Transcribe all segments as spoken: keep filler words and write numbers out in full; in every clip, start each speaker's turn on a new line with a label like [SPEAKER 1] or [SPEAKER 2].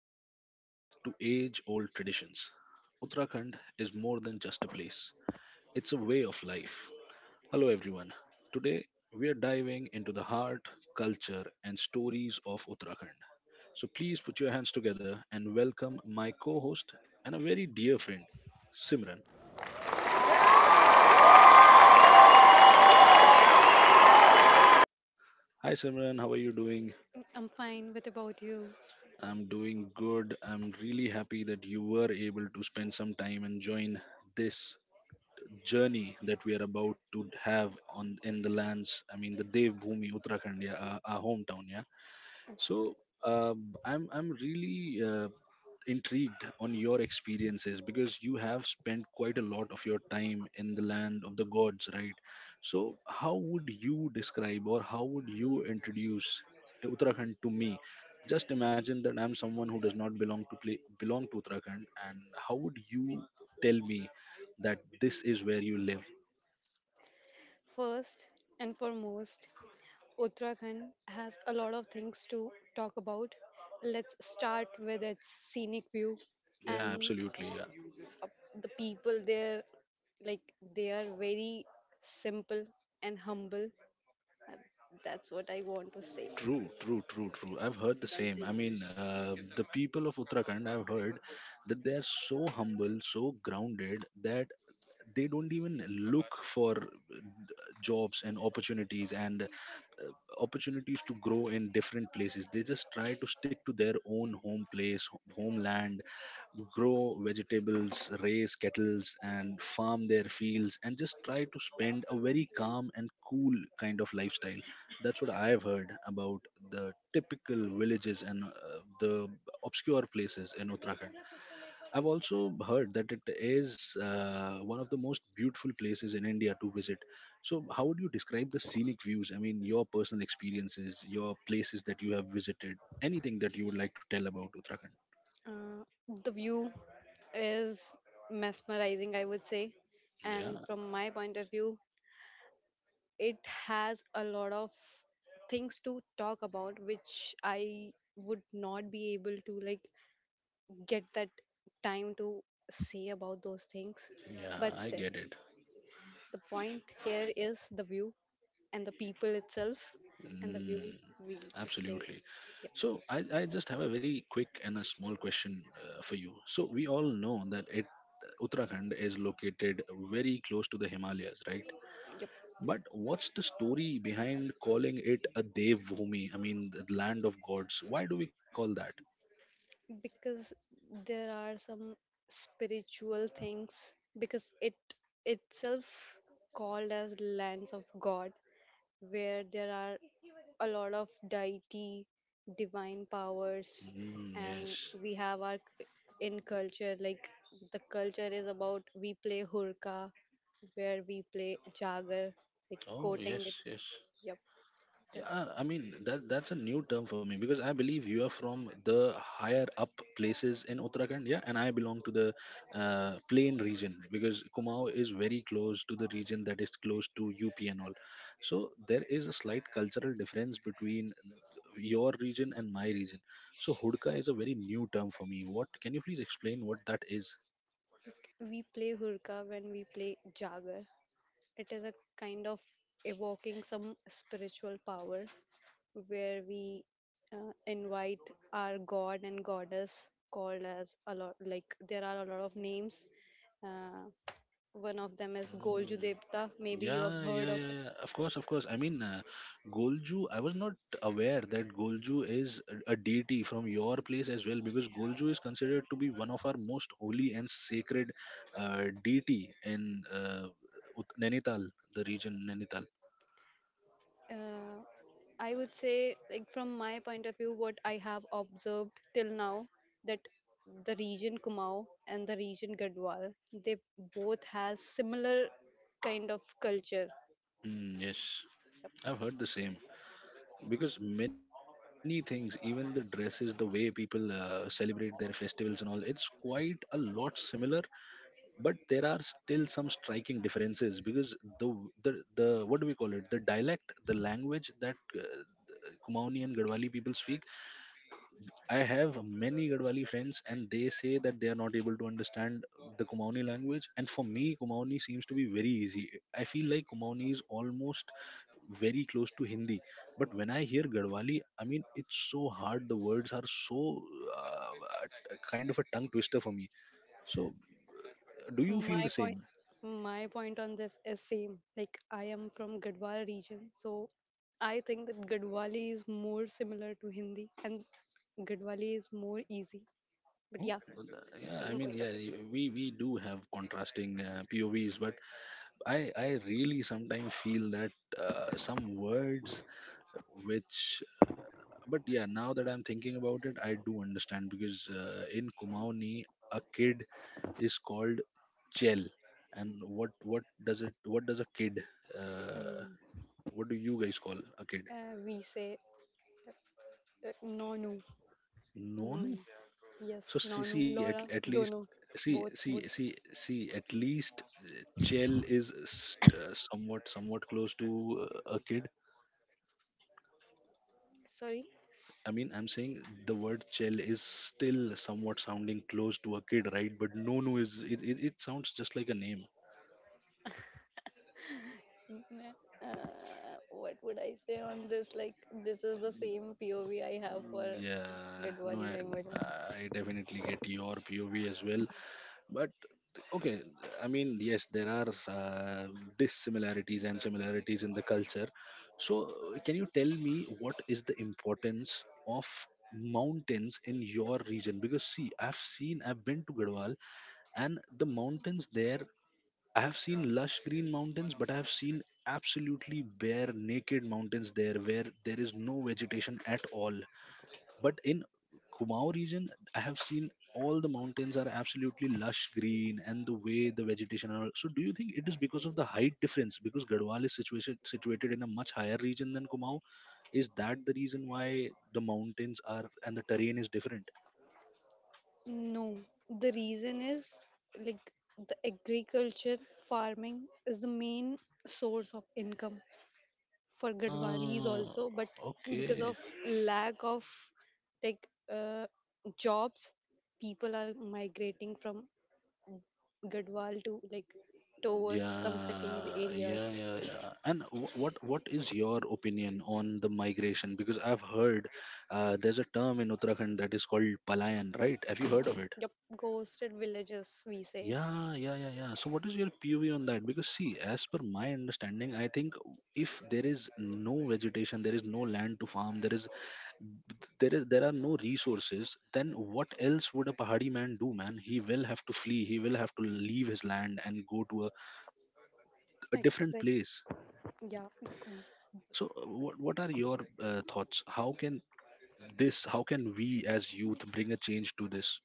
[SPEAKER 1] mountains to age old traditions, Uttarakhand is more than just a place, it's a way of life. Hello, everyone. Today, we are diving into the heart, culture, and stories of Uttarakhand. So please put your hands together and welcome my co host and a very dear friend, Simran. Hi, Simran. How are you doing?
[SPEAKER 2] Mm, I'm fine. What about you?
[SPEAKER 1] I'm doing good. I'm really happy that you were able to spend some time and join this journey that we are about to have on in the lands. I mean, the Dev Bhumi, Uttarakhand, yeah, our, our hometown. Yeah. So uh, I'm I'm really uh, intrigued on your experiences because you have spent quite a lot of your time in the land of the gods, right? So how would you describe or how would you introduce Uttarakhand to me? Just imagine that I'm someone who does not belong to play, belong to Uttarakhand, and how would you tell me that this is where you live.
[SPEAKER 2] First and foremost, Uttarakhand has a lot of things to talk about. Let's start with its scenic view
[SPEAKER 1] Yeah,
[SPEAKER 2] and
[SPEAKER 1] absolutely. Yeah.
[SPEAKER 2] the people there, like they are very simple and humble. And That's what I want to say.
[SPEAKER 1] True, true, true, true. I've heard the same. I mean, uh, the people of Uttarakhand, I've heard that they are so humble, so grounded that they don't even look for uh, jobs and opportunities and uh, opportunities to grow in different places. They just try to stick to their own home place, ho- homeland, grow vegetables, raise kettles, and farm their fields, and just try to spend a very calm and cool kind of lifestyle. That's what I've heard about the typical villages and uh, the obscure places in Uttarakhand. I've also heard that it is uh, one of the most beautiful places in India to visit. So, how would you describe the scenic views? I mean, your personal experiences, your places that you have visited, anything that you would like to tell about Uttarakhand?
[SPEAKER 2] Uh, the view is mesmerizing, I would say.
[SPEAKER 1] Yeah,
[SPEAKER 2] And from my point of view, it has a lot of things to talk about which i would not be able to like get that time to say about those things,
[SPEAKER 1] yeah,
[SPEAKER 2] but
[SPEAKER 1] I
[SPEAKER 2] still,
[SPEAKER 1] get it.
[SPEAKER 2] the point here is the view and the people itself, and the view
[SPEAKER 1] Mm,
[SPEAKER 2] we say.
[SPEAKER 1] absolutely.
[SPEAKER 2] Yep,
[SPEAKER 1] So I, I just have a very quick and a small question uh, for you. So we all know that it Uttarakhand is located very close to the Himalayas, right?
[SPEAKER 2] yep.
[SPEAKER 1] But what's the story behind calling it a Dev Bhumi? I mean, the land of gods. Why do we call that?
[SPEAKER 2] Because there are some spiritual things because it itself called as lands of God, where there are a lot of deity, divine powers,
[SPEAKER 1] Mm,
[SPEAKER 2] and
[SPEAKER 1] yes.
[SPEAKER 2] we have our c- in culture, like the culture is about we play hurka, where we play jagar, like
[SPEAKER 1] Oh,
[SPEAKER 2] quoting it.
[SPEAKER 1] yes, yes.
[SPEAKER 2] Yep, that's
[SPEAKER 1] Yeah,
[SPEAKER 2] it.
[SPEAKER 1] I mean that that's a new term for me because I believe you are from the higher up places in Uttarakhand, yeah, and I belong to the uh, plain region because Kumaon is very close to the region that is close to U P and all. So there is a slight cultural difference between your region and my region. So Hudka is a very new term for me. What can you please explain what that is?
[SPEAKER 2] Like, we play hurka when we play jagar. It is a kind of evoking some spiritual power where we uh, invite our god and goddess, called as a lot, like there are a lot of names. uh, One of them is Golju Devta, maybe you have
[SPEAKER 1] Yeah,
[SPEAKER 2] heard
[SPEAKER 1] yeah,
[SPEAKER 2] of
[SPEAKER 1] yeah.
[SPEAKER 2] it.
[SPEAKER 1] Yeah. Of course, of course. I mean, uh, Golju, I was not aware that Golju is a a deity from your place as well, because Golju is considered to be one of our most holy and sacred uh, deity in uh, Ut- Nainital, the region Nainital.
[SPEAKER 2] uh, I would say, like, from my point of view, what I have observed till now, that the region Kumau and the region Gadwal, they both has similar kind of culture.
[SPEAKER 1] Mm, yes, I've heard the same. Because many things, even the dresses, the way people uh, celebrate their festivals and all, it's quite a lot similar, but there are still some striking differences because the the, the what do we call it, the dialect, the language that uh, Kumaoni and Gadwali people speak. I have many Gadwali friends and they say that they are not able to understand the Kumaoni language, and for me Kumaoni seems to be very easy. I feel like Kumaoni is almost very close to Hindi, but when I hear Gadwali, I mean, it's so hard, the words are so uh, uh, kind of a tongue twister for me. So do you feel the
[SPEAKER 2] My point,
[SPEAKER 1] same?
[SPEAKER 2] my point on this is same. Like, I am from Gadwal region, so I think that Gadwali is more similar to Hindi, and Gadwali is more easy. But yeah,
[SPEAKER 1] Well, uh, yeah, I
[SPEAKER 2] same
[SPEAKER 1] mean,
[SPEAKER 2] point of
[SPEAKER 1] yeah,
[SPEAKER 2] view.
[SPEAKER 1] y- we we do have contrasting uh, P O Vs, but I I really sometimes feel that uh, some words which, but yeah, now that I'm thinking about it, I do understand because uh, in Kumaoni, a kid is called chel, and what what does it what does a kid uh,
[SPEAKER 2] And
[SPEAKER 1] what do you guys call a kid?
[SPEAKER 2] uh, We say uh, nonu, nonu.
[SPEAKER 1] No.
[SPEAKER 2] Yes,
[SPEAKER 1] So see,
[SPEAKER 2] nonu,
[SPEAKER 1] see at,
[SPEAKER 2] Laura,
[SPEAKER 1] at least
[SPEAKER 2] dono,
[SPEAKER 1] see
[SPEAKER 2] both,
[SPEAKER 1] see
[SPEAKER 2] both.
[SPEAKER 1] see see at least uh, Chell is s- uh, somewhat somewhat close to uh, a kid.
[SPEAKER 2] Sorry.
[SPEAKER 1] I mean, I'm saying the word Chell is still somewhat sounding close to a kid, right? But no, no, is it, it, it sounds just like a name.
[SPEAKER 2] N- n- Uh, what would I say on this? Like, this is the same P O V I have for
[SPEAKER 1] Mm, yeah, no,
[SPEAKER 2] Gadwali
[SPEAKER 1] I,
[SPEAKER 2] language.
[SPEAKER 1] I definitely get your P O V as well. But th- okay, I mean, yes, there are uh, dissimilarities and similarities in the culture. So, uh, can you tell me what is the importance of mountains in your region? Because see, I've seen, I've been to Gadwal, and the mountains there, I have seen lush green mountains, but I have seen absolutely bare naked mountains there where there is no vegetation at all. But in Kumau region, I have seen all the mountains are absolutely lush green and the way the vegetation are. So, do you think it is because of the height difference? Because Garhwal is situated situated in a much higher region than Kumau. Is that the reason why the mountains are and the terrain is different?
[SPEAKER 2] No, the reason is, like, the agriculture, farming is the main source of income for Gadwalis
[SPEAKER 1] Ah,
[SPEAKER 2] also, but because
[SPEAKER 1] okay.
[SPEAKER 2] of lack of, like, uh, jobs, people are migrating from Gadwal to, like, towards some cities
[SPEAKER 1] Yeah, yeah,
[SPEAKER 2] areas.
[SPEAKER 1] yeah, yeah. And wh- what what is your opinion on the migration? Because I've heard uh, there's a term in Uttarakhand that is called palayan, right? Have you heard of it?
[SPEAKER 2] Yep, ghosted villages we say.
[SPEAKER 1] Yeah, yeah, yeah, yeah. So, what is your P O V on that? Because, see, as per my understanding, I think if there is no vegetation, there is no land to farm, there is there is there are no resources, then what else would a Pahadi man do, man? He will have to flee. He will have to leave his land and go to a, a different
[SPEAKER 2] Exact.
[SPEAKER 1] place.
[SPEAKER 2] Yeah, we
[SPEAKER 1] So, uh, what what are your uh, thoughts? How can this? How can we as youth bring a change to this?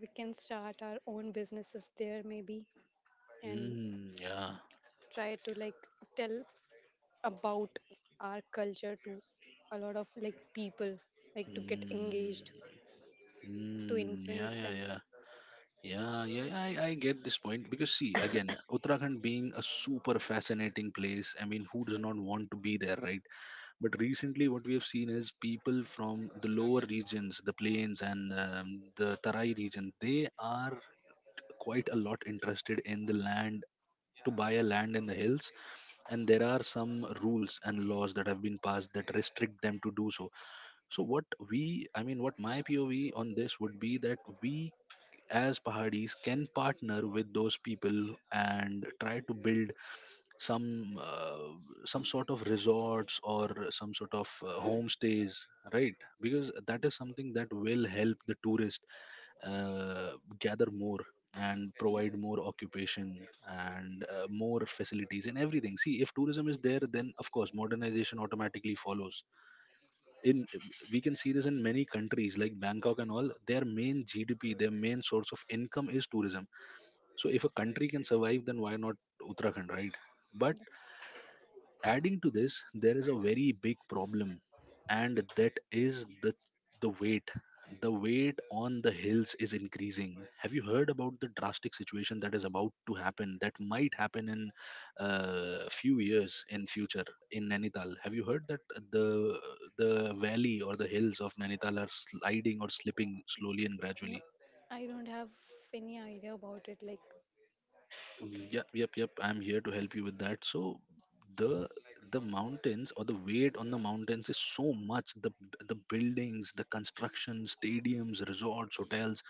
[SPEAKER 2] we can start our own businesses there, maybe, and
[SPEAKER 1] Mm, yeah.
[SPEAKER 2] try to, like, tell about our culture to a lot of, like, people, like to get
[SPEAKER 1] Mm,
[SPEAKER 2] engaged, to
[SPEAKER 1] mm, yeah,
[SPEAKER 2] influence
[SPEAKER 1] yeah,
[SPEAKER 2] them.
[SPEAKER 1] yeah. Yeah, yeah, yeah, I, I get this point because see, again, Uttarakhand being a super fascinating place. I mean, who does not want to be there, right? But recently, what we have seen is people from the lower regions, the plains and um, the Tarai region, they are quite a lot interested in the land, to buy a land in the hills, and there are some rules and laws that have been passed that restrict them to do so. So what we, I mean, what my P O V on this would be that we as Pahadis can partner with those people and try to build some uh, some sort of resorts or some sort of uh, homestays, right? Because that is something that will help the tourist uh, gather more and
[SPEAKER 2] Yep.
[SPEAKER 1] provide more occupation and uh, more facilities and everything. See, if tourism is there, then of course modernization automatically follows. In We can see this in many countries like Bangkok, and all their main GDP, their main source of income, is tourism. So if a country can survive, then why not Uttarakhand, right? But adding to this, there is a very big problem, and that is the the weight. The weight on the hills is increasing. Have you heard about the drastic situation that is about to happen? That might happen in uh, few years in future in Nainital. Have you heard that the the valley or the hills of Nainital are sliding or slipping slowly and
[SPEAKER 2] No,
[SPEAKER 1] gradually?
[SPEAKER 2] I don't have any idea about it. Like, okay,
[SPEAKER 1] Yep, yep, yep. I'm here to help you with that. So the the mountains or the weight on the mountains is so much. The the buildings, the construction, stadiums, resorts, hotels.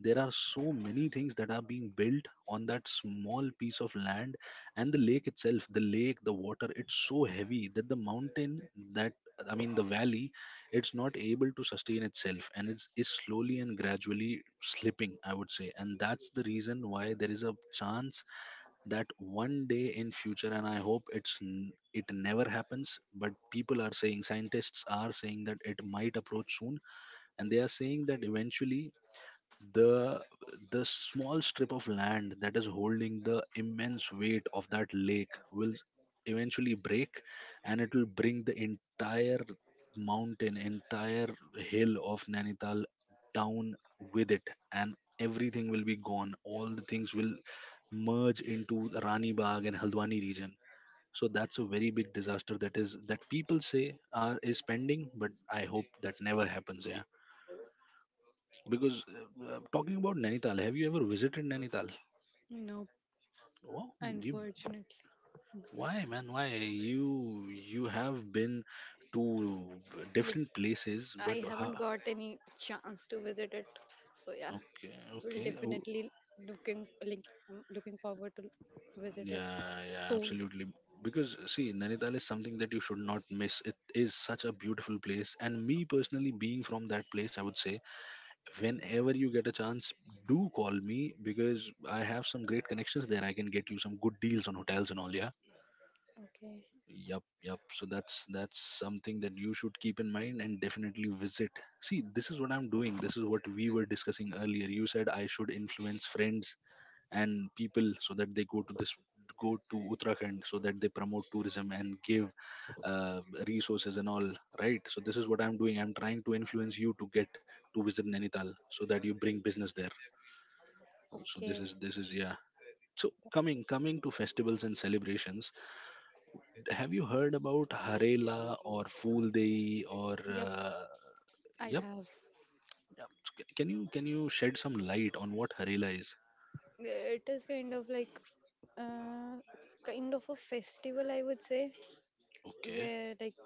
[SPEAKER 1] There are so many things that are being built on that small piece of land, and the lake itself, the lake, the water. It's so heavy that the mountain, that I mean the valley, it's not able to sustain itself, and it's is slowly and gradually slipping, I would say. And that's the reason why there is a chance that one day in future, and I hope it's n- it never happens, but people are saying, scientists are saying, that it might approach soon. And they are saying that eventually the the small strip of land that is holding the immense weight of that lake will eventually break, and it will bring the entire mountain, entire hill of Nainital down with it, and everything will be gone. All the things will merge into Rani Bagh and Haldwani region. So that's a very big disaster that, is that people say, are is pending, but I hope that never happens. Yeah, because uh, uh, talking about Nainital, have you ever visited Nainital?
[SPEAKER 2] no,
[SPEAKER 1] Oh, you,
[SPEAKER 2] unfortunately,
[SPEAKER 1] why, man? Why you you have been to
[SPEAKER 2] like,
[SPEAKER 1] different places,
[SPEAKER 2] I
[SPEAKER 1] but
[SPEAKER 2] haven't
[SPEAKER 1] ha,
[SPEAKER 2] got any chance to visit it. So yeah,
[SPEAKER 1] okay,
[SPEAKER 2] we'll
[SPEAKER 1] okay, oh,
[SPEAKER 2] definitely looking like I'm looking forward to visit it
[SPEAKER 1] yeah, yeah,
[SPEAKER 2] soon.
[SPEAKER 1] absolutely. Because see, Nainital is something that you should not miss. It is such a beautiful place, and me personally, being from that place, I would say whenever you get a chance, do call me because I have some great connections there. I can get you some good deals on hotels and all. Yeah.
[SPEAKER 2] Okay.
[SPEAKER 1] Yep, yep. So that's that's something that you should keep in mind and definitely visit. See, this is what I'm doing. This is what we were discussing earlier. You said I should influence friends and people so that they go to this go to Uttarakhand so that they promote tourism and give uh, resources and all, right? So this is what I'm doing. I'm trying to influence you to get to visit Nainital so that you bring business there. So this
[SPEAKER 2] Okay.
[SPEAKER 1] is this is yeah. So coming coming to festivals and celebrations, have you heard about Harela or Fool Dei or
[SPEAKER 2] Yep,
[SPEAKER 1] uh,
[SPEAKER 2] I
[SPEAKER 1] yep,
[SPEAKER 2] have.
[SPEAKER 1] yep. C- Can you can you shed some light on what Harela is?
[SPEAKER 2] It is kind of, like, uh, kind of a festival, I would say,
[SPEAKER 1] Okay,
[SPEAKER 2] where, like,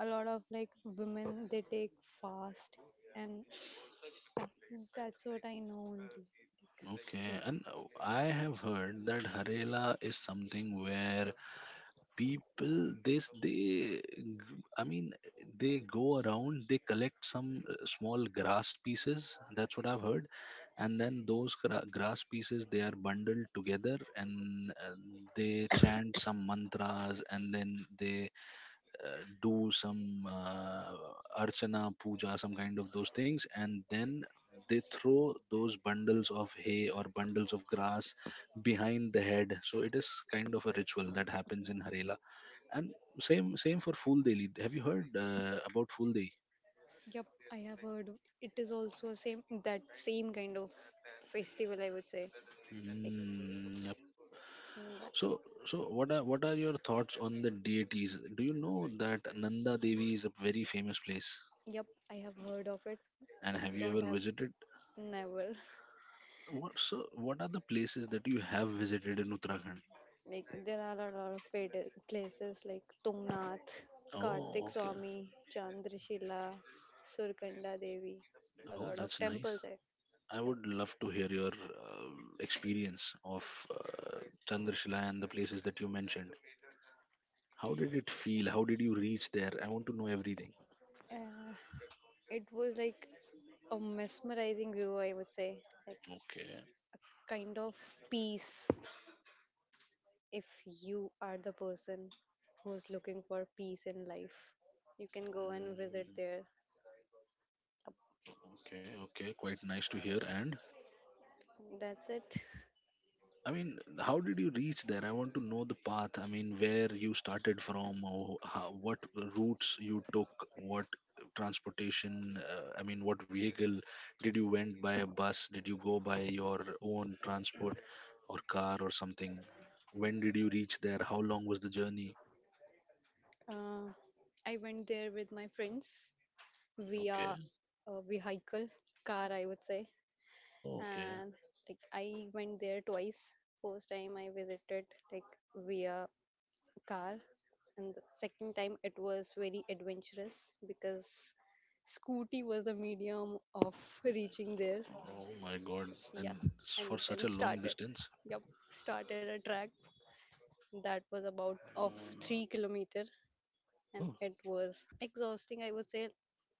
[SPEAKER 2] a lot of, like, women they take fast, and that's what I know only. Like,
[SPEAKER 1] okay.
[SPEAKER 2] okay,
[SPEAKER 1] And uh, I have heard that Harela is something where people this they g- I mean they go around, they collect some uh, small grass pieces. That's what I've heard. And then those gra- grass pieces, they are bundled together, and uh, they chant some mantras, and then they uh, do some uh, archana, puja, some kind of those things, and then they throw those bundles of hay or bundles of grass behind the head. So it is kind of a ritual that happens in Harela. And same same for Fool Deli. Have you heard uh, about Fool Day?
[SPEAKER 2] yep, I have heard. It is also same, that same kind of festival, I would say. Like,
[SPEAKER 1] Mm, yep.
[SPEAKER 2] mm, that,
[SPEAKER 1] So, so what are what are your thoughts on the deities? Do you know that Nanda Devi is a very famous place?
[SPEAKER 2] yep, I have heard of it,
[SPEAKER 1] And
[SPEAKER 2] but
[SPEAKER 1] have you
[SPEAKER 2] don't
[SPEAKER 1] ever
[SPEAKER 2] have,
[SPEAKER 1] visited?
[SPEAKER 2] never.
[SPEAKER 1] What so? What are the places that you have visited in Uttarakhand?
[SPEAKER 2] Like, there are a lot of pad- places like Tungnath,
[SPEAKER 1] Oh,
[SPEAKER 2] Kartik
[SPEAKER 1] okay.
[SPEAKER 2] Swami, Chandrashila, Surkanda Devi, a
[SPEAKER 1] Oh,
[SPEAKER 2] lot
[SPEAKER 1] that's
[SPEAKER 2] of
[SPEAKER 1] nice.
[SPEAKER 2] temples. Eh.
[SPEAKER 1] I
[SPEAKER 2] Yep.
[SPEAKER 1] would love to hear your uh, experience of uh, Chandrashila and the places that you mentioned. How did it feel? How did you reach there? I want to know everything.
[SPEAKER 2] Uh, it was like a mesmerizing view, I would say, like
[SPEAKER 1] Okay,
[SPEAKER 2] a kind of peace. If you are the person who's looking for peace in life, you can go and visit there.
[SPEAKER 1] okay, okay. Quite nice to hear. And
[SPEAKER 2] That's it.
[SPEAKER 1] I mean, how did you reach there? I want to know the path. I mean, where you started from, or how, what routes you took, what transportation, uh, I mean, what vehicle did you, went by a bus? Did you go by your own transport or car or something? When did you reach there? How long was the journey?
[SPEAKER 2] Uh, I went there with my friends via
[SPEAKER 1] Okay.
[SPEAKER 2] a vehicle, car, I would say.
[SPEAKER 1] Oh, okay.
[SPEAKER 2] And, like, I went there twice. First time I visited, like, via car, and the second time it was very adventurous because scooty was the medium of reaching there.
[SPEAKER 1] Oh my God.
[SPEAKER 2] So,
[SPEAKER 1] And
[SPEAKER 2] yeah,
[SPEAKER 1] s-
[SPEAKER 2] and
[SPEAKER 1] for such
[SPEAKER 2] then
[SPEAKER 1] a long
[SPEAKER 2] started,
[SPEAKER 1] distance.
[SPEAKER 2] yep, started a track that was about of three kilometer, and
[SPEAKER 1] Oh,
[SPEAKER 2] it was exhausting, I would say.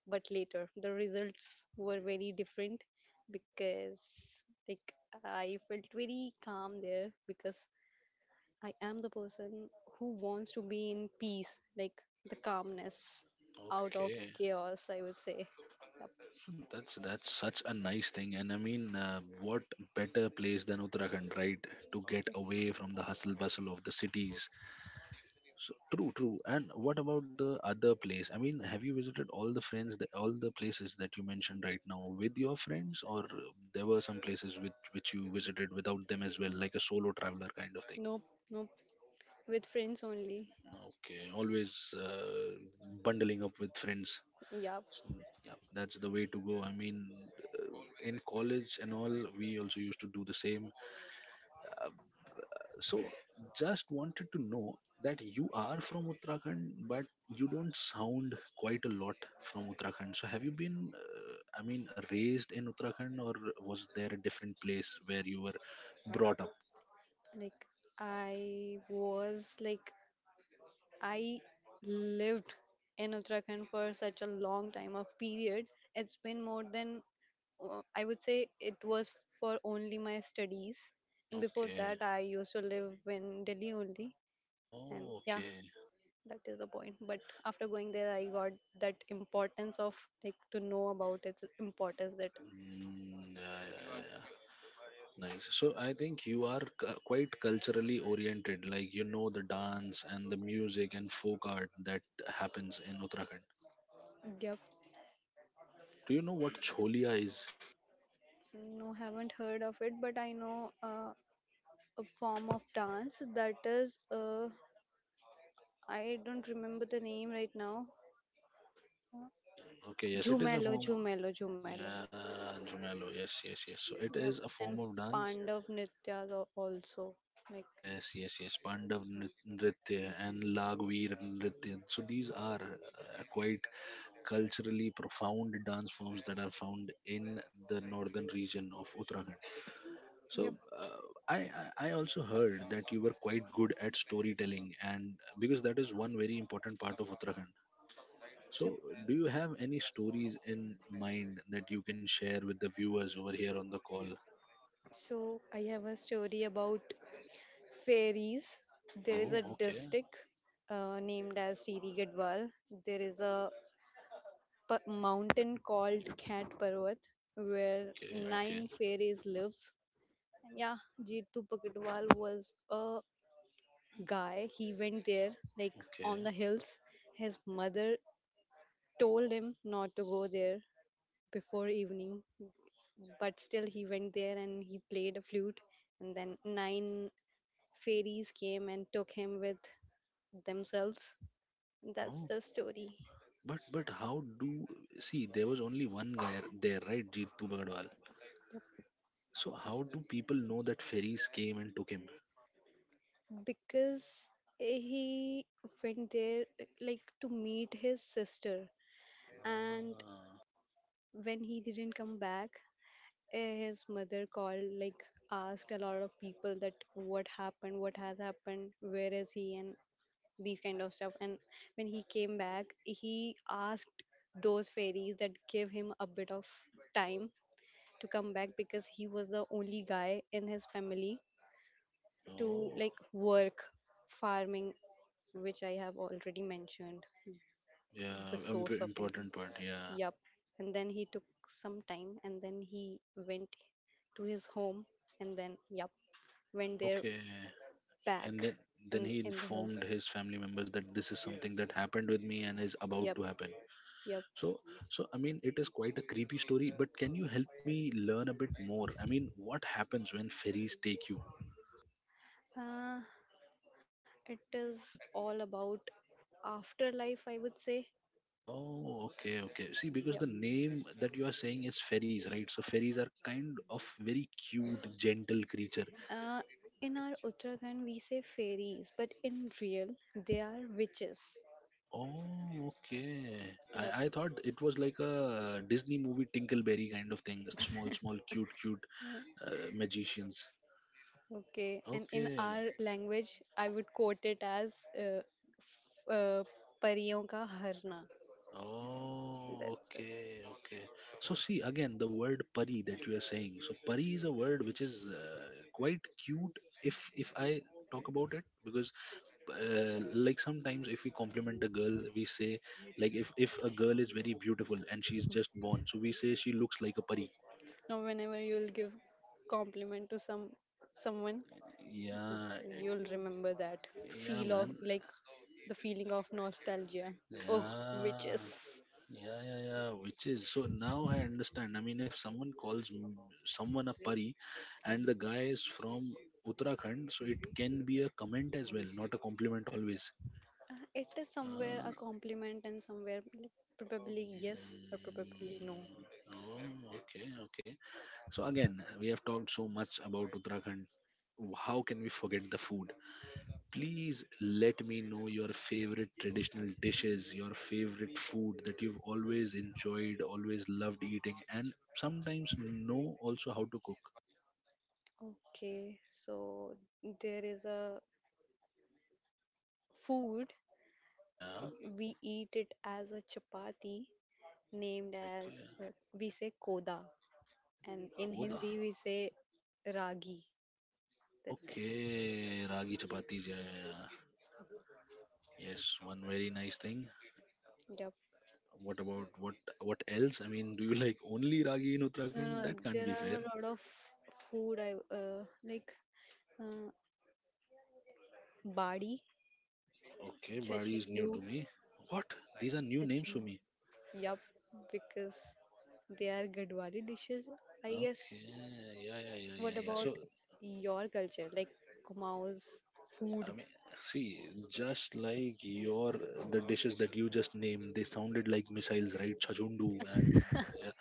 [SPEAKER 2] But later, the results were very different because, like, I felt very calm there because I am the person who wants to be in peace, like the calmness out of
[SPEAKER 1] okay.
[SPEAKER 2] chaos, I would say. Yep.
[SPEAKER 1] That's that's such a nice thing, and I mean, uh, what better place than Uttarakhand, right? To get away from the hustle bustle of the cities. So, true, true. And what about the other place? I mean, have you visited all the friends, that, all the places that you mentioned right now with your friends, or there were some places which which you visited without them as well, like a solo traveler kind of thing?
[SPEAKER 2] Nope, nope. With friends only.
[SPEAKER 1] Okay, always uh, bundling up with friends.
[SPEAKER 2] Yep.
[SPEAKER 1] So, yeah, that's the way to go. I mean, uh, in college and all, we also used to do the same. Uh, so, just wanted to know that you are from Uttarakhand, but you don't sound quite a lot from Uttarakhand. So, have you been, uh, I mean, raised in Uttarakhand, or was there a different place where you were brought up?
[SPEAKER 2] Like, I was like, I lived in Uttarakhand for such a long time of period. It's been more than uh, I would say, it was for only my studies. And before
[SPEAKER 1] Okay.
[SPEAKER 2] that, I used to live in Delhi only. And
[SPEAKER 1] Oh,
[SPEAKER 2] yeah,
[SPEAKER 1] okay.
[SPEAKER 2] that is the point. But after going there, I got that importance of, like, to know about its importance. That,
[SPEAKER 1] Mm, yeah, yeah, yeah, yeah. Nice. So I think you are cu- quite culturally oriented, like you know the dance and the music and folk art that happens in Uttarakhand.
[SPEAKER 2] yep,
[SPEAKER 1] So do you know what cholia is?
[SPEAKER 2] no, haven't heard of it, but I know uh, a form of dance that is. Uh, I don't remember the name right now.
[SPEAKER 1] Okay, yes, it is a
[SPEAKER 2] Jhumelo,
[SPEAKER 1] form.
[SPEAKER 2] Jhumelo, Jhumelo.
[SPEAKER 1] Yeah, Jumelo. Yes, yes, yes. So it
[SPEAKER 2] Yep.
[SPEAKER 1] is a
[SPEAKER 2] And
[SPEAKER 1] form of dance.
[SPEAKER 2] Pandav Nitya al- also. Like,
[SPEAKER 1] Yes, yes, yes. Pandav nri- Nritya and Lagvir Nritya. So these are uh, quite culturally profound dance forms that are found in the northern region of Uttarakhand.
[SPEAKER 2] yep,
[SPEAKER 1] So uh, I I I also heard that you were quite good at storytelling, and because that is one very important part of Uttarakhand.
[SPEAKER 2] yep.
[SPEAKER 1] So do you have any stories in mind that you can share with the viewers over here on the call?
[SPEAKER 2] So I have a story about fairies. There is a
[SPEAKER 1] Oh, okay,
[SPEAKER 2] district uh, named as Siri Gadwal. There is a p- mountain called Khat Parvat where
[SPEAKER 1] okay, okay,
[SPEAKER 2] nine fairies lives. Yeah, Jeetu Pakadwal was a guy. He went there, like,
[SPEAKER 1] okay.
[SPEAKER 2] on the hills. His mother told him not to go there before evening, but still he went there and he played a flute. And then nine fairies came and took him with themselves. That's
[SPEAKER 1] Oh,
[SPEAKER 2] the story.
[SPEAKER 1] but but how do see? There was only one guy there, right? Jitu Bagadwal. So how do people know that ferries came and took him?
[SPEAKER 2] Because he went there, like, to meet his sister, and
[SPEAKER 1] Ah,
[SPEAKER 2] when he didn't come back, eh, his mother called, like, asked a lot of people that what happened what has happened, where is he, and these kind of stuff. And when he came back, he asked those fairies that gave him a bit of time to come back, because he was the only guy in his family to,
[SPEAKER 1] oh,
[SPEAKER 2] like, work farming, which i have already mentioned,
[SPEAKER 1] yeah,
[SPEAKER 2] the
[SPEAKER 1] imp-
[SPEAKER 2] source of income.
[SPEAKER 1] important part. Yeah.
[SPEAKER 2] Yup. And then he took some time, and then he went to his home, and then, yup, went there
[SPEAKER 1] Okay.
[SPEAKER 2] back
[SPEAKER 1] And then, then
[SPEAKER 2] in,
[SPEAKER 1] he
[SPEAKER 2] in the hills.
[SPEAKER 1] informed his family members that this is something that happened with me and is about
[SPEAKER 2] Yep,
[SPEAKER 1] to happen.
[SPEAKER 2] yep.
[SPEAKER 1] So so I mean it is quite a creepy story, but can you help me learn a bit more? I mean, what happens when fairies take you?
[SPEAKER 2] Uh, It is all about afterlife, I would say.
[SPEAKER 1] Oh, okay, okay. See, because
[SPEAKER 2] Yep.
[SPEAKER 1] the name that you are saying is fairies, right? So fairies are kind of very cute, gentle creature.
[SPEAKER 2] Uh, in our Uttarakhand, we say fairies, but in real, they are witches.
[SPEAKER 1] Oh, okay.
[SPEAKER 2] Yep.
[SPEAKER 1] I, I thought it was like a Disney movie Tinkleberry kind of thing. Small, small, cute, cute
[SPEAKER 2] Mm,
[SPEAKER 1] uh, magicians.
[SPEAKER 2] okay. And in
[SPEAKER 1] Okay,
[SPEAKER 2] our language, I would quote it as uh, f- uh, परियों का हरना. That's
[SPEAKER 1] oh,
[SPEAKER 2] it.
[SPEAKER 1] okay, okay. So see again the word pari that you are saying. So pari is a word which is uh, quite cute if if I talk about it because uh, like sometimes if we compliment a girl we say like if if a girl is very beautiful and she's just born, so we say she looks like a pari.
[SPEAKER 2] Now, whenever you'll give compliment to some someone,
[SPEAKER 1] Yeah,
[SPEAKER 2] you'll remember that
[SPEAKER 1] yeah,
[SPEAKER 2] feel of,
[SPEAKER 1] man.
[SPEAKER 2] like, the feeling of nostalgia. Oh,
[SPEAKER 1] Yeah,
[SPEAKER 2] witches.
[SPEAKER 1] yeah, yeah, yeah. Which is so now I understand. I mean, if someone calls m- someone a pari, and the guy is from Uttarakhand, so it can be a comment as well, not a compliment always.
[SPEAKER 2] Uh, It is somewhere
[SPEAKER 1] Ah,
[SPEAKER 2] a compliment and somewhere probably yes or probably no.
[SPEAKER 1] mm, oh, okay, okay. So again, we have talked so much about Uttarakhand. How can we forget the food? Please let me know your favorite traditional dishes, your favorite food that you've always enjoyed, always loved eating, and sometimes know also how to cook.
[SPEAKER 2] Okay, so there is a food.
[SPEAKER 1] Yeah.
[SPEAKER 2] uh, We eat it as a chapati, named as uh,
[SPEAKER 1] Okay.
[SPEAKER 2] we say koda, and in
[SPEAKER 1] Khoda.
[SPEAKER 2] Hindi we say ragi. That's it.
[SPEAKER 1] Okay. Ragi chapatis. Yeah, yeah, yeah. Yes, one very nice thing.
[SPEAKER 2] Yep.
[SPEAKER 1] What about what what else? I mean, do you like only ragi in
[SPEAKER 2] No,
[SPEAKER 1] Uttarakhand?
[SPEAKER 2] no,
[SPEAKER 1] That can't
[SPEAKER 2] there
[SPEAKER 1] be
[SPEAKER 2] are
[SPEAKER 1] fair.
[SPEAKER 2] a lot of food I uh, like. uh, Badi,
[SPEAKER 1] Okay, Bari is
[SPEAKER 2] chachindu,
[SPEAKER 1] new to me. What? These are new names for me.
[SPEAKER 2] yup, because they are Gadwali dishes, I guess.
[SPEAKER 1] Okay. Yeah, yeah, yeah, yeah,
[SPEAKER 2] What
[SPEAKER 1] yeah.
[SPEAKER 2] about
[SPEAKER 1] So,
[SPEAKER 2] your culture, like Kumao's food?
[SPEAKER 1] I mean, see, just like your the dishes that you just named, they sounded like missiles, right? Chajundu and yeah.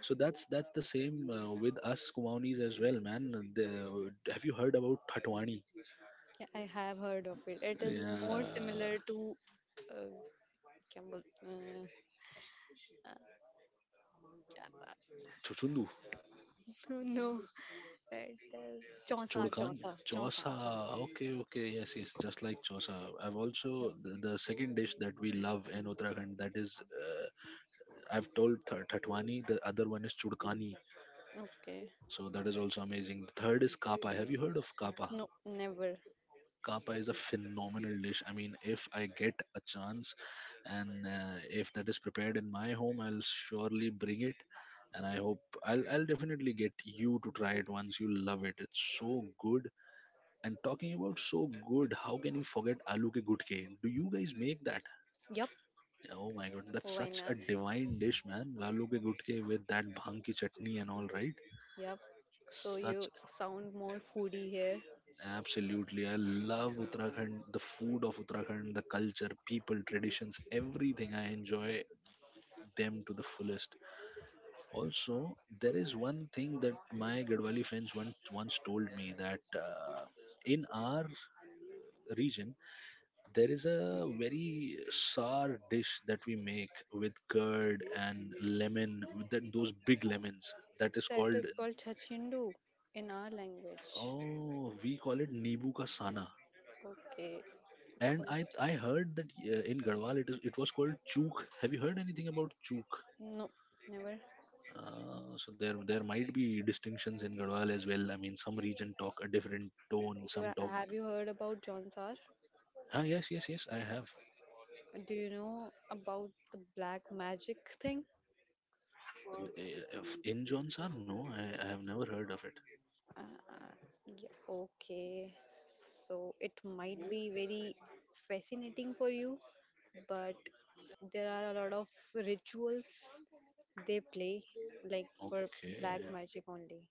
[SPEAKER 1] So that's that's the same uh, with us Kumaonis as well, man. The, have you heard about Hatwani?
[SPEAKER 2] Yeah, I have heard of it. It is more
[SPEAKER 1] Yeah,
[SPEAKER 2] similar to uh, क्या बोल, uh, uh, क्या था?
[SPEAKER 1] Chuchundu,
[SPEAKER 2] No, it is chausa,
[SPEAKER 1] Chodkan,
[SPEAKER 2] chausa, chausa,
[SPEAKER 1] Chosa.
[SPEAKER 2] chausa.
[SPEAKER 1] Okay, okay, yes, yes, just like Chosa. I've also
[SPEAKER 2] Yep.
[SPEAKER 1] the, the second dish that we love in Uttarakhand. That is, uh, I've told th- Thatwani. The other one is Chudkani.
[SPEAKER 2] Okay.
[SPEAKER 1] So that is also amazing. The third is Kapa. Have you heard of Kapa?
[SPEAKER 2] No, never.
[SPEAKER 1] Kappa is a phenomenal dish. I mean, if I get a chance and uh, if that is prepared in my home, I'll surely bring it. And I hope I'll, I'll definitely get you to try it. Once you love it, it's so good. And talking about so good, how can you forget aloo ke gutke? Do you guys make that?
[SPEAKER 2] Yup.
[SPEAKER 1] Oh my god, that's
[SPEAKER 2] Why
[SPEAKER 1] such a
[SPEAKER 2] not?
[SPEAKER 1] divine dish, man. Aloo ke gutke with that bhang ki chutney and all, right?
[SPEAKER 2] Yup. So
[SPEAKER 1] Such
[SPEAKER 2] you sound more foodie here.
[SPEAKER 1] absolutely. I love Uttarakhand, the food of Uttarakhand, the culture, people, traditions, everything. I enjoy them to the fullest. Also, there is one thing that my Gadwali friends once, once told me that uh, in our region, there is a very sour dish that we make with curd and lemon, with that, those big lemons. That is
[SPEAKER 2] That
[SPEAKER 1] called,
[SPEAKER 2] is called Chachindu in our language.
[SPEAKER 1] oh, we call it Nibu ka sana.
[SPEAKER 2] Okay.
[SPEAKER 1] And
[SPEAKER 2] Call
[SPEAKER 1] I
[SPEAKER 2] it.
[SPEAKER 1] I heard that uh, in Garhwal it is it was called Chuk. Have you heard anything about Chuk?
[SPEAKER 2] No, never.
[SPEAKER 1] Uh, so there there might be distinctions in Garhwal as well. I mean, some region talk a different tone,
[SPEAKER 2] You
[SPEAKER 1] some
[SPEAKER 2] are-
[SPEAKER 1] talk.
[SPEAKER 2] have you heard about John Sar?
[SPEAKER 1] Ah, yes, yes, yes. I have.
[SPEAKER 2] Do you know about the black magic thing?
[SPEAKER 1] L- eh, In Jonsar, no, I, I have never heard of it.
[SPEAKER 2] Uh, uh, yeah, okay. So it might be very fascinating for you, but there are a lot of rituals they play, like, for black
[SPEAKER 1] Okay.
[SPEAKER 2] magic only.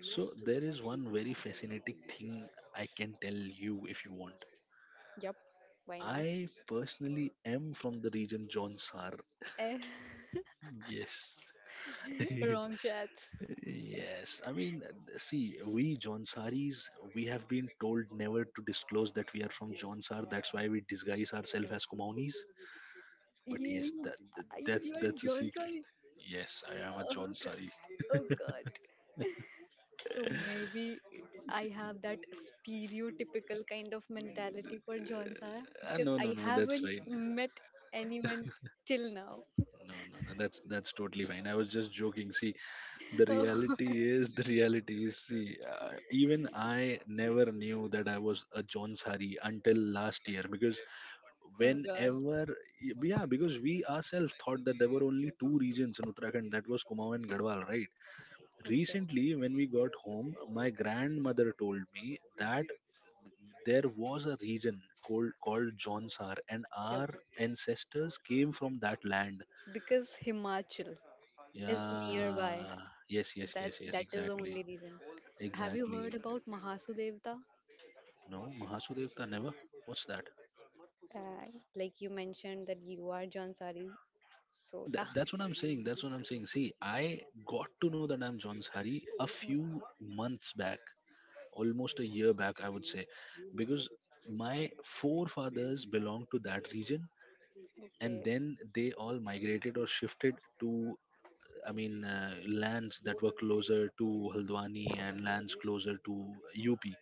[SPEAKER 1] So there is one very fascinating thing I can tell you if you want.
[SPEAKER 2] Yep, why not?
[SPEAKER 1] I personally am from the region Jonsar.
[SPEAKER 2] Eh.
[SPEAKER 1] Yes.
[SPEAKER 2] Wrong chat.
[SPEAKER 1] Yes, I mean, uh, see, we Jonsaris, we have been told never to disclose that we are from Jonsar. That's why we disguise ourselves as Kumaunis. But yes,
[SPEAKER 2] Yay,
[SPEAKER 1] that, that
[SPEAKER 2] I-
[SPEAKER 1] that's
[SPEAKER 2] you are
[SPEAKER 1] that's a secret.
[SPEAKER 2] Johnson.
[SPEAKER 1] Yes, I am a
[SPEAKER 2] Oh
[SPEAKER 1] Jonsari.
[SPEAKER 2] God, oh God. So maybe I have that stereotypical kind of mentality for Johnsar
[SPEAKER 1] Ah,
[SPEAKER 2] because
[SPEAKER 1] no, no,
[SPEAKER 2] I
[SPEAKER 1] no, that's
[SPEAKER 2] haven't
[SPEAKER 1] fine.
[SPEAKER 2] met anyone till now.
[SPEAKER 1] No, no, no, that's that's totally fine. I was just joking. See, the
[SPEAKER 2] Oh
[SPEAKER 1] reality is the reality is. See, uh, even I never knew that I was a Jonsari until last year because
[SPEAKER 2] oh God.
[SPEAKER 1] whenever yeah, because we ourselves thought that there were only two regions in Uttarakhand, that was Kumaon and Garhwal, right?
[SPEAKER 2] Okay.
[SPEAKER 1] Recently when we got home, my grandmother told me that there was a region called called Jonsar and
[SPEAKER 2] Yep.
[SPEAKER 1] our ancestors came from that land.
[SPEAKER 2] Because Himachal is nearby.
[SPEAKER 1] Yeah, yes, yes,
[SPEAKER 2] That
[SPEAKER 1] yes, yes,
[SPEAKER 2] that is the
[SPEAKER 1] exactly,
[SPEAKER 2] only reason. Have you heard
[SPEAKER 1] exactly.
[SPEAKER 2] about Mahasudevta?
[SPEAKER 1] No, mahasudevta, never. What's that?
[SPEAKER 2] Uh, like you mentioned that you are Jansari.
[SPEAKER 1] Yeah,
[SPEAKER 2] So yeah.
[SPEAKER 1] that, that's what I'm saying. That's what I'm saying. See, I got to know that I'm John's Hari a
[SPEAKER 2] Mm,
[SPEAKER 1] few months back, almost a year back, I would say, because my forefathers belonged to that region and
[SPEAKER 2] okay.
[SPEAKER 1] then they all migrated or shifted to, I mean, uh, lands that were closer to Haldwani and lands closer to U P,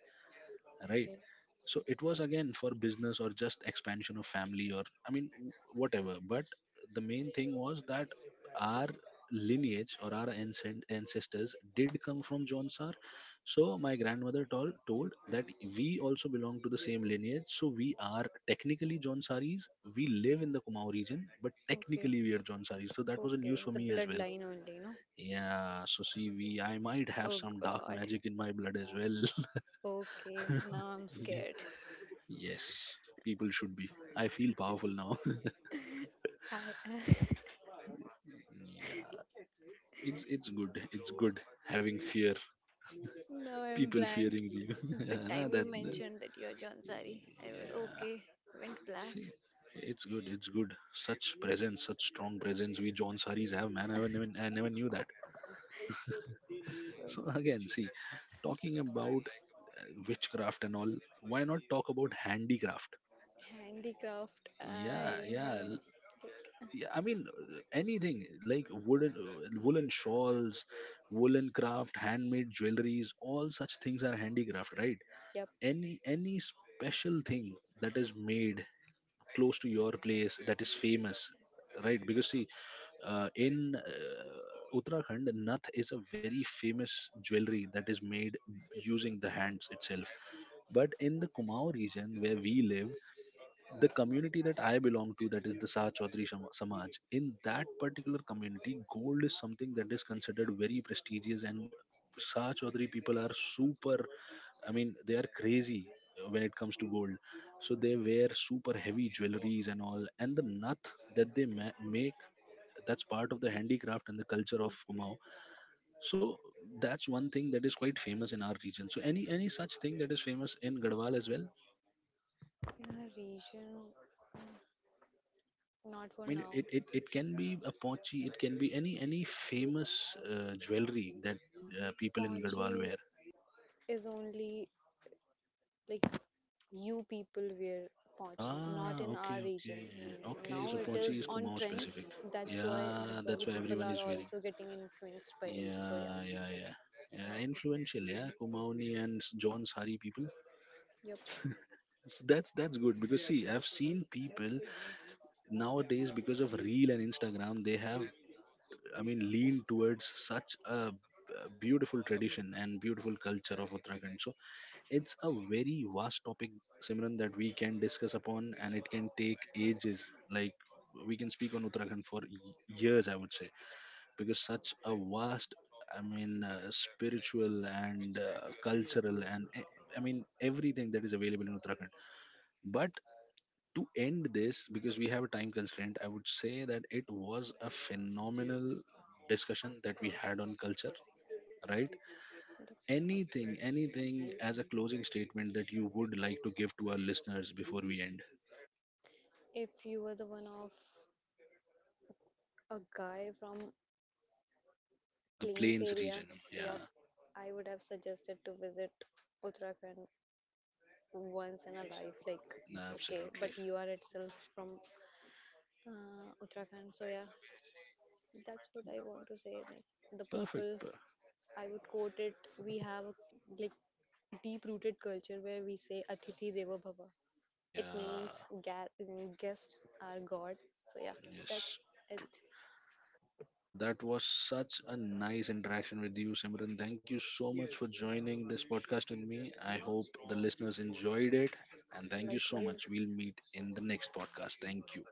[SPEAKER 1] right?
[SPEAKER 2] Okay.
[SPEAKER 1] So it was again for business or just expansion of family, or I mean whatever, but the main thing was that our lineage or our ancient ancestors did come from John Sar. So my grandmother told told that we also belong to the same lineage, so we are technically John Saris. We live in the Kumau region, but
[SPEAKER 2] Okay.
[SPEAKER 1] technically we are John Saris, so that was a news
[SPEAKER 2] Okay.
[SPEAKER 1] for
[SPEAKER 2] The
[SPEAKER 1] me as well.
[SPEAKER 2] bloodline only, no?
[SPEAKER 1] Yeah, so see, we I might have
[SPEAKER 2] Oh
[SPEAKER 1] some dark
[SPEAKER 2] God.
[SPEAKER 1] magic in my blood as well.
[SPEAKER 2] Okay. Now I'm scared.
[SPEAKER 1] Yes, people should be. I feel powerful now.
[SPEAKER 2] I
[SPEAKER 1] Yeah, it's it's good. It's good having fear.
[SPEAKER 2] now I'm
[SPEAKER 1] People
[SPEAKER 2] blank.
[SPEAKER 1] fearing you.
[SPEAKER 2] The
[SPEAKER 1] Yeah, nah,
[SPEAKER 2] time you
[SPEAKER 1] that, that.
[SPEAKER 2] mentioned that you're Jansari, I was
[SPEAKER 1] Yeah.
[SPEAKER 2] okay. Went black.
[SPEAKER 1] See, it's good. It's good. Such presence, such strong presence. We John Saris have, man. I never, I never knew that. So again, see, talking about uh, witchcraft and all. Why not talk about handicraft?
[SPEAKER 2] Handicraft. I
[SPEAKER 1] Yeah,
[SPEAKER 2] don't have
[SPEAKER 1] yeah.
[SPEAKER 2] any. Like,
[SPEAKER 1] Yeah, I mean uh, anything like wooden uh, woolen shawls, woolen craft, handmade jewelries, all such things are handicraft, right?
[SPEAKER 2] yep.
[SPEAKER 1] Any any special thing that is made close to your place that is famous, right? Because see, uh, in uh, Uttarakhand, Nath is a very famous jewelry that is made using the hands itself. But in the Kumau region where we live, the community that I belong to, that is the Sa Chaudhary Shama- Samaj, in that particular community, gold is something that is considered very prestigious, and Sa Chaudhary people are super, I mean, they are crazy when it comes to gold. So they wear super heavy jewelries and all, and the nath that they ma- make, that's part of the handicraft and the culture of Kumau. So that's one thing that is quite famous in our region. So any any such thing that is famous in Gadwal as well?
[SPEAKER 2] In a region, mm, not
[SPEAKER 1] I
[SPEAKER 2] for
[SPEAKER 1] mean,
[SPEAKER 2] now.
[SPEAKER 1] it, it, it can be a pochi, it can be any any famous uh, jewelry that uh, people in Gadwal
[SPEAKER 2] Pochi
[SPEAKER 1] wear.
[SPEAKER 2] is only, like, you people wear pochi, not
[SPEAKER 1] Ah,
[SPEAKER 2] in
[SPEAKER 1] okay,
[SPEAKER 2] our region.
[SPEAKER 1] okay,
[SPEAKER 2] Mm,
[SPEAKER 1] okay.
[SPEAKER 2] now
[SPEAKER 1] So
[SPEAKER 2] it
[SPEAKER 1] pochi
[SPEAKER 2] is
[SPEAKER 1] is
[SPEAKER 2] on
[SPEAKER 1] Kumaon
[SPEAKER 2] trend,
[SPEAKER 1] specific.
[SPEAKER 2] that's why
[SPEAKER 1] Yeah, that's
[SPEAKER 2] Gadwali
[SPEAKER 1] why
[SPEAKER 2] people
[SPEAKER 1] everyone
[SPEAKER 2] are
[SPEAKER 1] is wearing.
[SPEAKER 2] also getting influenced by it, so
[SPEAKER 1] Yeah,
[SPEAKER 2] yeah,
[SPEAKER 1] yeah, yeah. Yeah, influential. Yeah, Kumaoni and S- John Sari people.
[SPEAKER 2] yep,
[SPEAKER 1] So that's that's good because see, I've seen people nowadays because of Reel and Instagram, they have I mean, lean towards such a b- beautiful tradition and beautiful culture of Uttarakhand. So it's a very vast topic, Simran, that we can discuss upon, and it can take ages. Like we can speak on Uttarakhand for y- years, I would say, because such a vast, I mean, uh, spiritual and uh, cultural and e- I mean everything that is available in Uttarakhand. But to end this, because we have a time constraint, I would say that it was a phenomenal discussion that we had on culture, right?
[SPEAKER 2] yep.
[SPEAKER 1] Anything anything as a closing statement that you would like to give to our listeners before we end
[SPEAKER 2] If you were the one of a guy from
[SPEAKER 1] the
[SPEAKER 2] plains
[SPEAKER 1] plains
[SPEAKER 2] area,
[SPEAKER 1] region?
[SPEAKER 2] yep,
[SPEAKER 1] Yeah.
[SPEAKER 2] I would have suggested to visit Uttarakhand once in a life. Like,
[SPEAKER 1] Nah,
[SPEAKER 2] okay,
[SPEAKER 1] absolutely.
[SPEAKER 2] but you are itself from uh, Uttarakhand, so yeah, that's what I want to say, like, the people.
[SPEAKER 1] Perfect. Per-
[SPEAKER 2] I would quote it. We have a, like, deep rooted culture where we say Atithi Deva Bhava. It means
[SPEAKER 1] yeah.
[SPEAKER 2] ga- guests are God. So yeah, that's
[SPEAKER 1] Yes.
[SPEAKER 2] it.
[SPEAKER 1] That was such a nice interaction with you, Simran. Thank you so much for joining this podcast with me. I hope the listeners enjoyed it. And thank you so
[SPEAKER 2] Likewise,
[SPEAKER 1] much. We'll meet in the next podcast. Thank you.